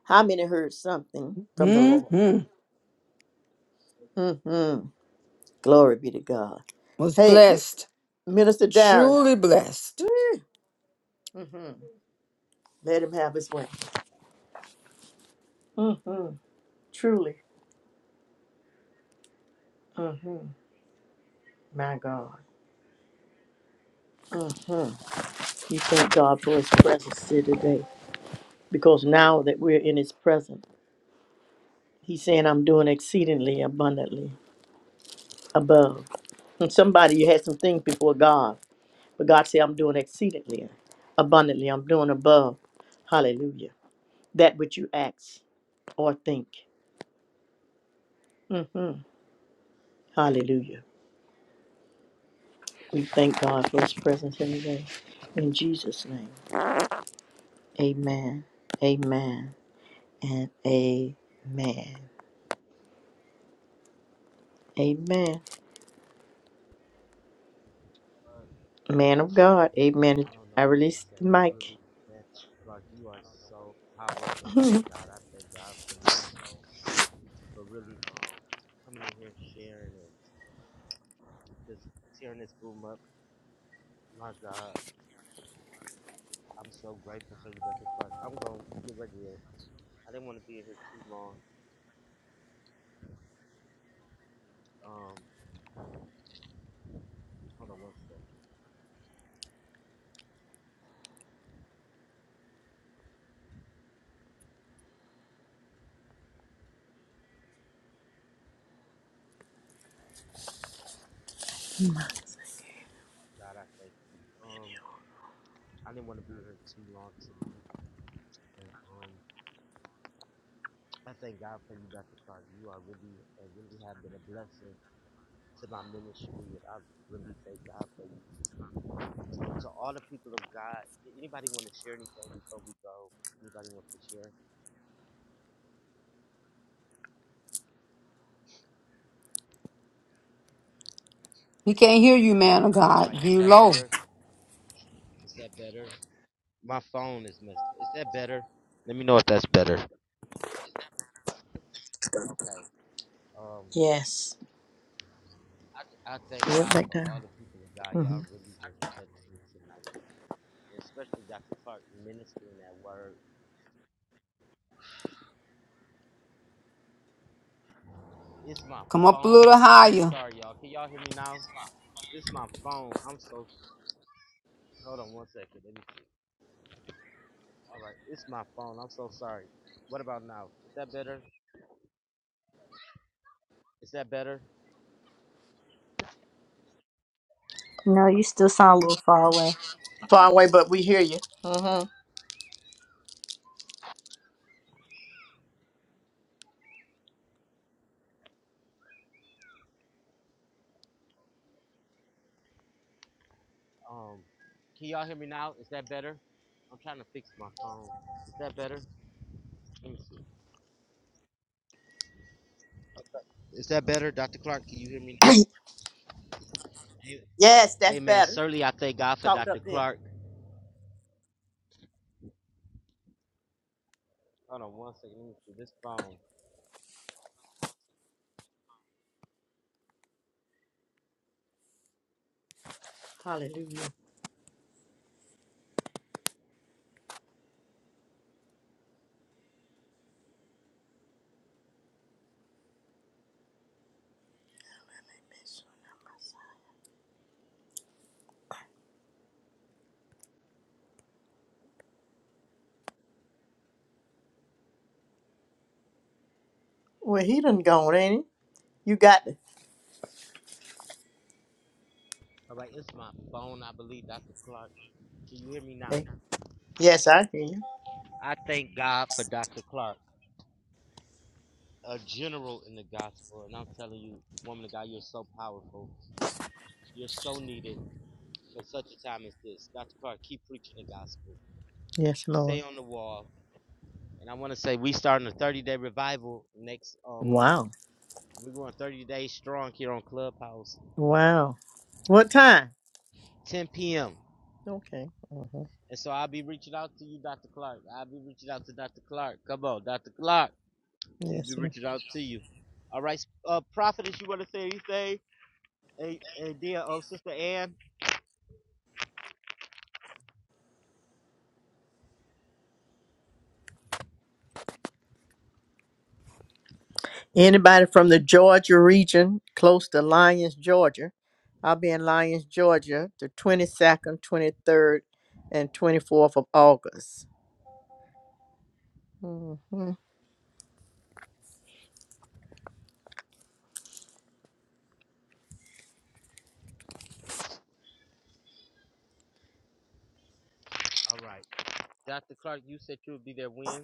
S2: How many heard something from the Lord?
S3: Mm-hmm.
S2: Mm-hmm. Glory be to God.
S3: Was
S2: Hey,
S3: blessed.
S2: Minister Darren.
S3: Truly blessed.
S2: Mm-hmm. Let him have his way. Mm-hmm. Truly. Mm-hmm. My God. Mm-hmm. We thank God for his presence here today because now that we're in his presence, He's saying, I'm doing exceedingly abundantly above. And somebody, you had some things before God, but God said, I'm doing exceedingly abundantly. I'm doing above. Hallelujah. That which you ask or think. hmm Hallelujah. We thank God for his presence in the day. In Jesus' name, amen, amen, and amen. Amen. Man of God, amen.
S1: I don't
S2: I
S1: know what to
S2: released
S1: say.
S2: the
S1: You really,
S2: mic.
S1: man, Dr. Clark, you are so powerful, God. I thank God for you for really um, coming in here, sharing, and just tearing this room up. My God, I'm so grateful for you, Dr. Clark. I'm gonna get ready to. I didn't want to be in here too long. Um, hold on one second. God, I thank you. Um, I didn't want to be in here too long tonight. And um, I thank God for you, Dr. Clark. You are really and really have been a blessing to my ministry, and I really thank God for you. So, all the people of God, did anybody want to share anything before we go? Anybody want to share?
S3: We can't hear you, man of
S1: All
S3: God.
S1: right, is
S3: You
S1: that
S3: low.
S1: better? Is that better? My phone is messed. Is that better? Let me know if that's better. Okay. Um,
S2: Yes.
S1: I, I thank
S2: Go right
S1: God
S2: back
S1: for
S2: down.
S1: all the people of God.
S2: Mhm.
S1: Y'all really just touched me tonight, and especially Dr. Clark ministering that word. It's my
S3: Come up a
S1: phone.
S3: little
S1: I'm
S3: higher.
S1: sorry, y'all. Can y'all hear me now? It's my phone. I'm so. Hold on one second. Let me see. All right, it's my phone. I'm so sorry. What about now? Is that better? Is that better?
S6: No, you still sound a little far away.
S2: Far away, but we hear you. hmm
S1: Um, can y'all hear me now? Is that better? I'm trying to fix my phone. Is that better? Let me see. Is that better, Dr. Clark? Can you hear me? Hey,
S2: Yes, that's
S1: hey man,
S2: better.
S1: certainly I thank God for
S2: Talked up
S1: Dr.
S2: there.
S1: Clark. Hold on one second. Let me see this phone.
S2: Hallelujah. Well, he done gone, ain't he? You got the
S1: All right, it's my phone, I believe, Dr. Clark. Can you hear me now?
S2: thing. Yes, I hear you.
S1: I thank God for Dr. Clark, a general in the gospel, and I'm telling you, woman of God, you're so powerful. You're so needed. for such a time as this. Dr. Clark, keep preaching the gospel.
S2: Yes, Lord.
S1: Stay on the wall. And I want to say we starting a 30 day revival next uh, month.
S2: Wow.
S1: We're going 30 days strong here on Clubhouse,
S2: Wow. What time?
S1: 10 p.m.
S2: Okay. hmm
S1: And so I'll be reaching out to you, Dr. Clark. I'll be reaching out to Dr. Clark. Come on, Dr. Clark. I'm going to
S2: Yes,
S1: be
S2: sir.
S1: reaching out to you. All right, uh, Prophetess, you want to say anything? Hey, hey dear, um, Sister Ann.
S2: Anybody from the Georgia region, close to Lyons, Georgia? I'll be in Lyons, Georgia, the 22nd, 23rd, and 24th of August. hmm
S1: All right. Dr. Clark, you said you would be there when?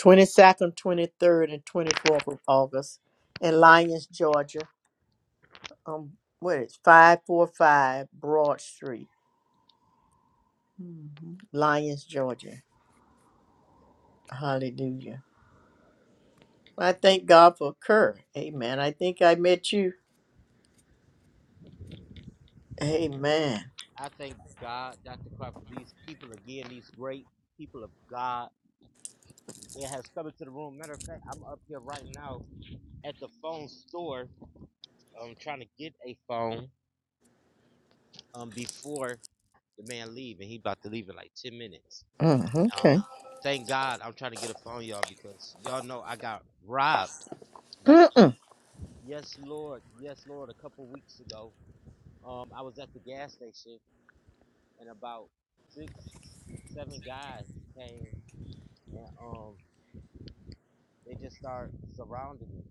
S2: 22nd, 23rd, and 24th of August in Lyons, Georgia. Um, what is 545 Broad Street, hmm Lyons, Georgia. Hallelujah. Well, I thank God for Kerr. Amen. I think I met you. Amen.
S1: I thank God, Dr. Clark, for these people again, these great people of God. It has come into the room. Matter of fact, I'm up here right now at the phone store. I'm trying to get a phone um, before the man leave, and he about to leave in like 10 minutes.
S2: Mm,
S1: Um,
S2: okay.
S1: thank God I'm trying to get a phone, y'all, because y'all know I got robbed, Dr. Clark.
S2: Mm-mm.
S1: Yes, Lord. Yes, Lord. A couple weeks ago, um, I was at the gas station, and about six, seven guys came and um They just start surrounding me.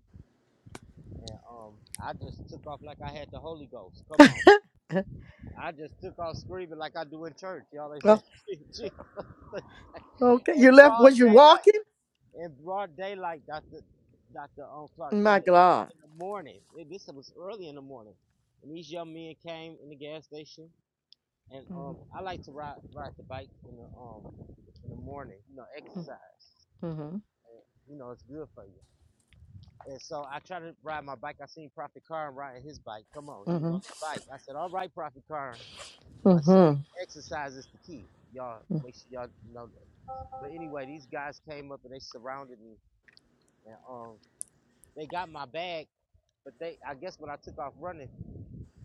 S1: And um, I just took off like I had the Holy Ghost. Come on. I just took off screaming like I do in church. Y'all, they said,
S2: Well,
S1: Jesus.
S2: okay.
S1: In
S2: You left.
S1: broad
S2: Was you walking?
S1: daylight. In broad daylight, Dr. Dr. Um, Clark, in
S2: My
S1: the,
S2: God.
S1: in the morning. It, this was early in the morning. And these young men came in the gas station. And um,
S2: Mm-hmm.
S1: I like to ride ride the bike in the um in the morning, you know, exercise.
S2: Mm-hmm.
S1: And, you know, it's good for you. And so I tried to ride my bike. I seen Prophet Karn riding his bike. Come on, he was on
S2: Mm-hmm.
S1: his bike. I said, "All right, Prophet Karn." I said,
S2: Mm-hmm.
S1: "Exercise is the key. Y'all make sure y'all know that." But anyway, these guys came up and they surrounded me, and um, they got my bag. But they, I guess, when I took off running,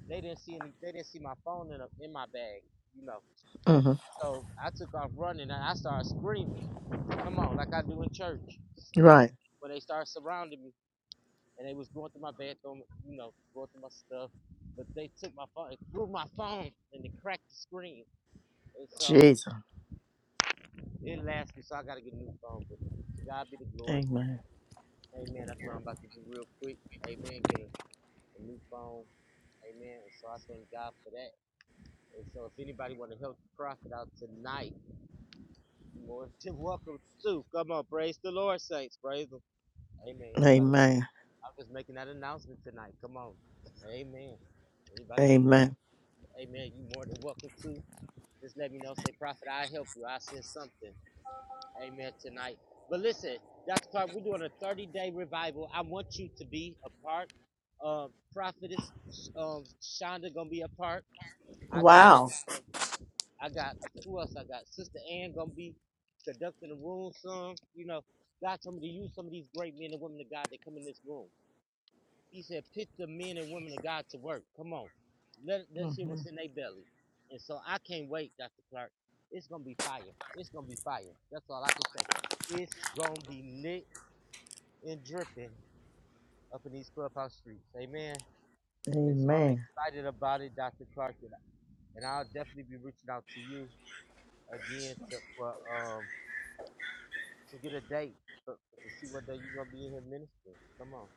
S1: they didn't see any. They didn't see my phone in a, in my bag, you know.
S2: Mm-hmm.
S1: So I took off running and I started screaming. Come on, like I do in church
S2: Right.
S1: when they started surrounding me. and they was going through my bathroom, you know, going through my stuff. But they took my phone, and threw my phone, and they cracked the screen. And so
S2: Jesus.
S1: it lasted, so I got to get a new phone. But to God be the glory.
S2: Amen.
S1: Amen. That's what I'm about to do real quick. Amen. Get a, a new phone. Amen. And so I thank God for that. And so if anybody want to help the prophet out tonight, you're more than welcome to. Come on, praise the Lord, saints. Praise Him. Amen. Anybody want
S2: Amen.
S1: to, I'm just making that announcement tonight. Come on. Amen. Anybody want to
S2: Amen.
S1: Amen. You more than welcome to. Just let me know. Say, Prophet, I'll help you. I'll send something. Amen. Tonight. But listen, Dr. Clark, we're doing a 30 day revival. I want you to be a part. Uh, Prophetess um, Shonda gonna be a part. I got,
S2: Wow.
S1: I got. Who else I got? Sister Ann gonna be conducting the room. Some, you know, God told me to use some of these great men and women of God that come in this room. He said, put the men and women of God to work. Come on. Let, let's see
S2: hmm
S1: what's in their belly. And so I can't wait, Dr. Clark. It's going to be fire. It's going to be fire. That's all I can say. It's going to be lit and dripping up in these clubhouse streets. Amen. And so I'm
S2: Amen.
S1: excited about it, Dr. Clark. And, I- and I'll definitely be reaching out to you again to, for, um, to get a date for, to see what day you're going to be in here ministering. Come on.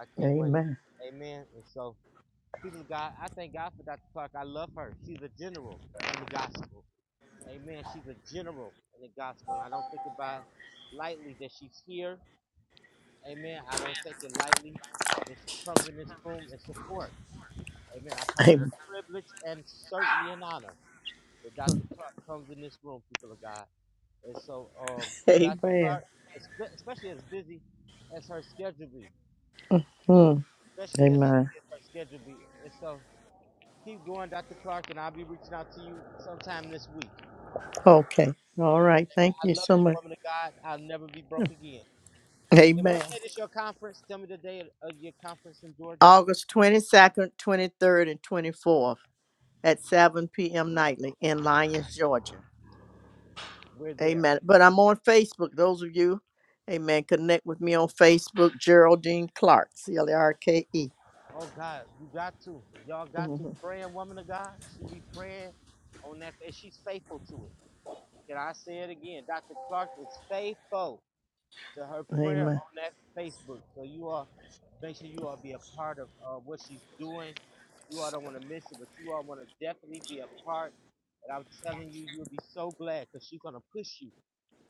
S1: I can't wait.
S2: Amen.
S1: Amen. And so. She's a God. I thank God for Dr. Clark. I love her. She's a general in the gospel. Amen. She's a general in the gospel. And I don't think it by lightly that she's here. Amen. I don't take it lightly that she comes in this room and support. Amen. I count it a
S2: Amen.
S1: privilege and certainly an honor that Dr. Clark comes in this room, people of God. And so, um, Dr.
S2: Amen.
S1: Clark, especially as busy as her schedule be,
S2: Mm,
S1: especially as
S2: Amen.
S1: busy as her schedule be. And so, Keep going, Dr. Clark, and I'll be reaching out to you sometime this week.
S2: Okay. All right. Thank
S1: I
S2: you
S1: love
S2: so
S1: you,
S2: much.
S1: woman of God. I'll never be broke again. And what
S2: Amen.
S1: date is your conference? Tell me the day of your conference in Georgia.
S2: August 22nd, 23rd, and 24th at 7 p.m. nightly in Lyons, Georgia.
S1: We're there.
S2: Amen. But I'm on Facebook. Those of you, amen, connect with me on Facebook, Geraldine Clark, C L A R K E.
S1: Oh God, you got to. Y'all got to
S2: Mhm.
S1: pray, and woman of God. She be praying on that, and she's faithful to it. Can I say it again? Dr. Clark is faithful. to her prayer
S2: Amen.
S1: on that Facebook. So you all make sure you all be a part of uh, what she's doing. You all don't want to miss it, but you all want to definitely be a part. And I'm telling you, you'll be so glad because she's gonna push you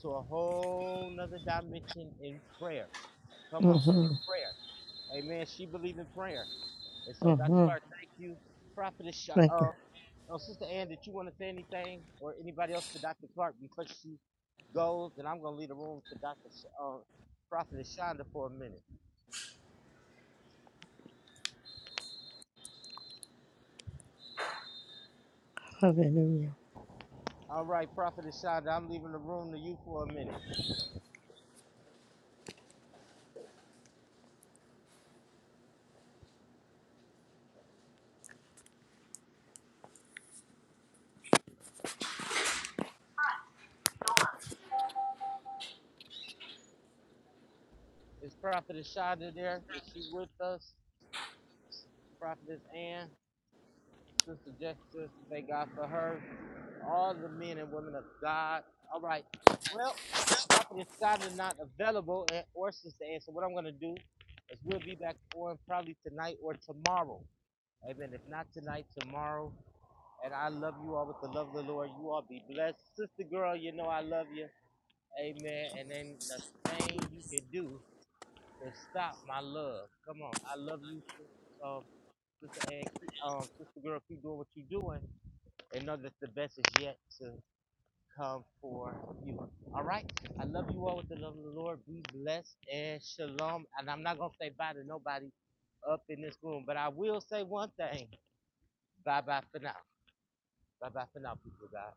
S1: to a whole nother dimension in prayer. Come on,
S2: hmm
S1: in prayer. Amen. She believes in prayer. And so, Dr.
S2: hmm
S1: Clark, thank you. Prophetess,
S2: Thank you.
S1: uh, oh, Sister Ann, did you want to say anything or anybody else to Dr. Clark before she goes? Then I'm going to leave the room to Dr. Sh- uh, Prophetess Shonda for a minute.
S2: Hallelujah.
S1: All right, Prophetess Shonda, I'm leaving the room to you for a minute. Is Prophetess Shonda there? Is she with us? Prophetess Ann, Sister Jessica, thank God for her. all the men and women of God. All right. Well, Prophet Shonda is not available and, or Sister Ann. So what I'm going to do is we'll be back on probably tonight or tomorrow. Amen. If not tonight, tomorrow. And I love you all with the love of the Lord. You all be blessed. Sister girl, you know I love you. Amen. And then the thing you can do is stop my love. Come on. I love you, sis- um, Sister Ann. Um, Sister girl, keep doing what you're doing and know that the best is yet to come for you. All right? I love you all with the love of the Lord. Be blessed and shalom. And I'm not going to say bye to nobody up in this room, but I will say one thing. Bye bye for now. Bye bye for now, people, God.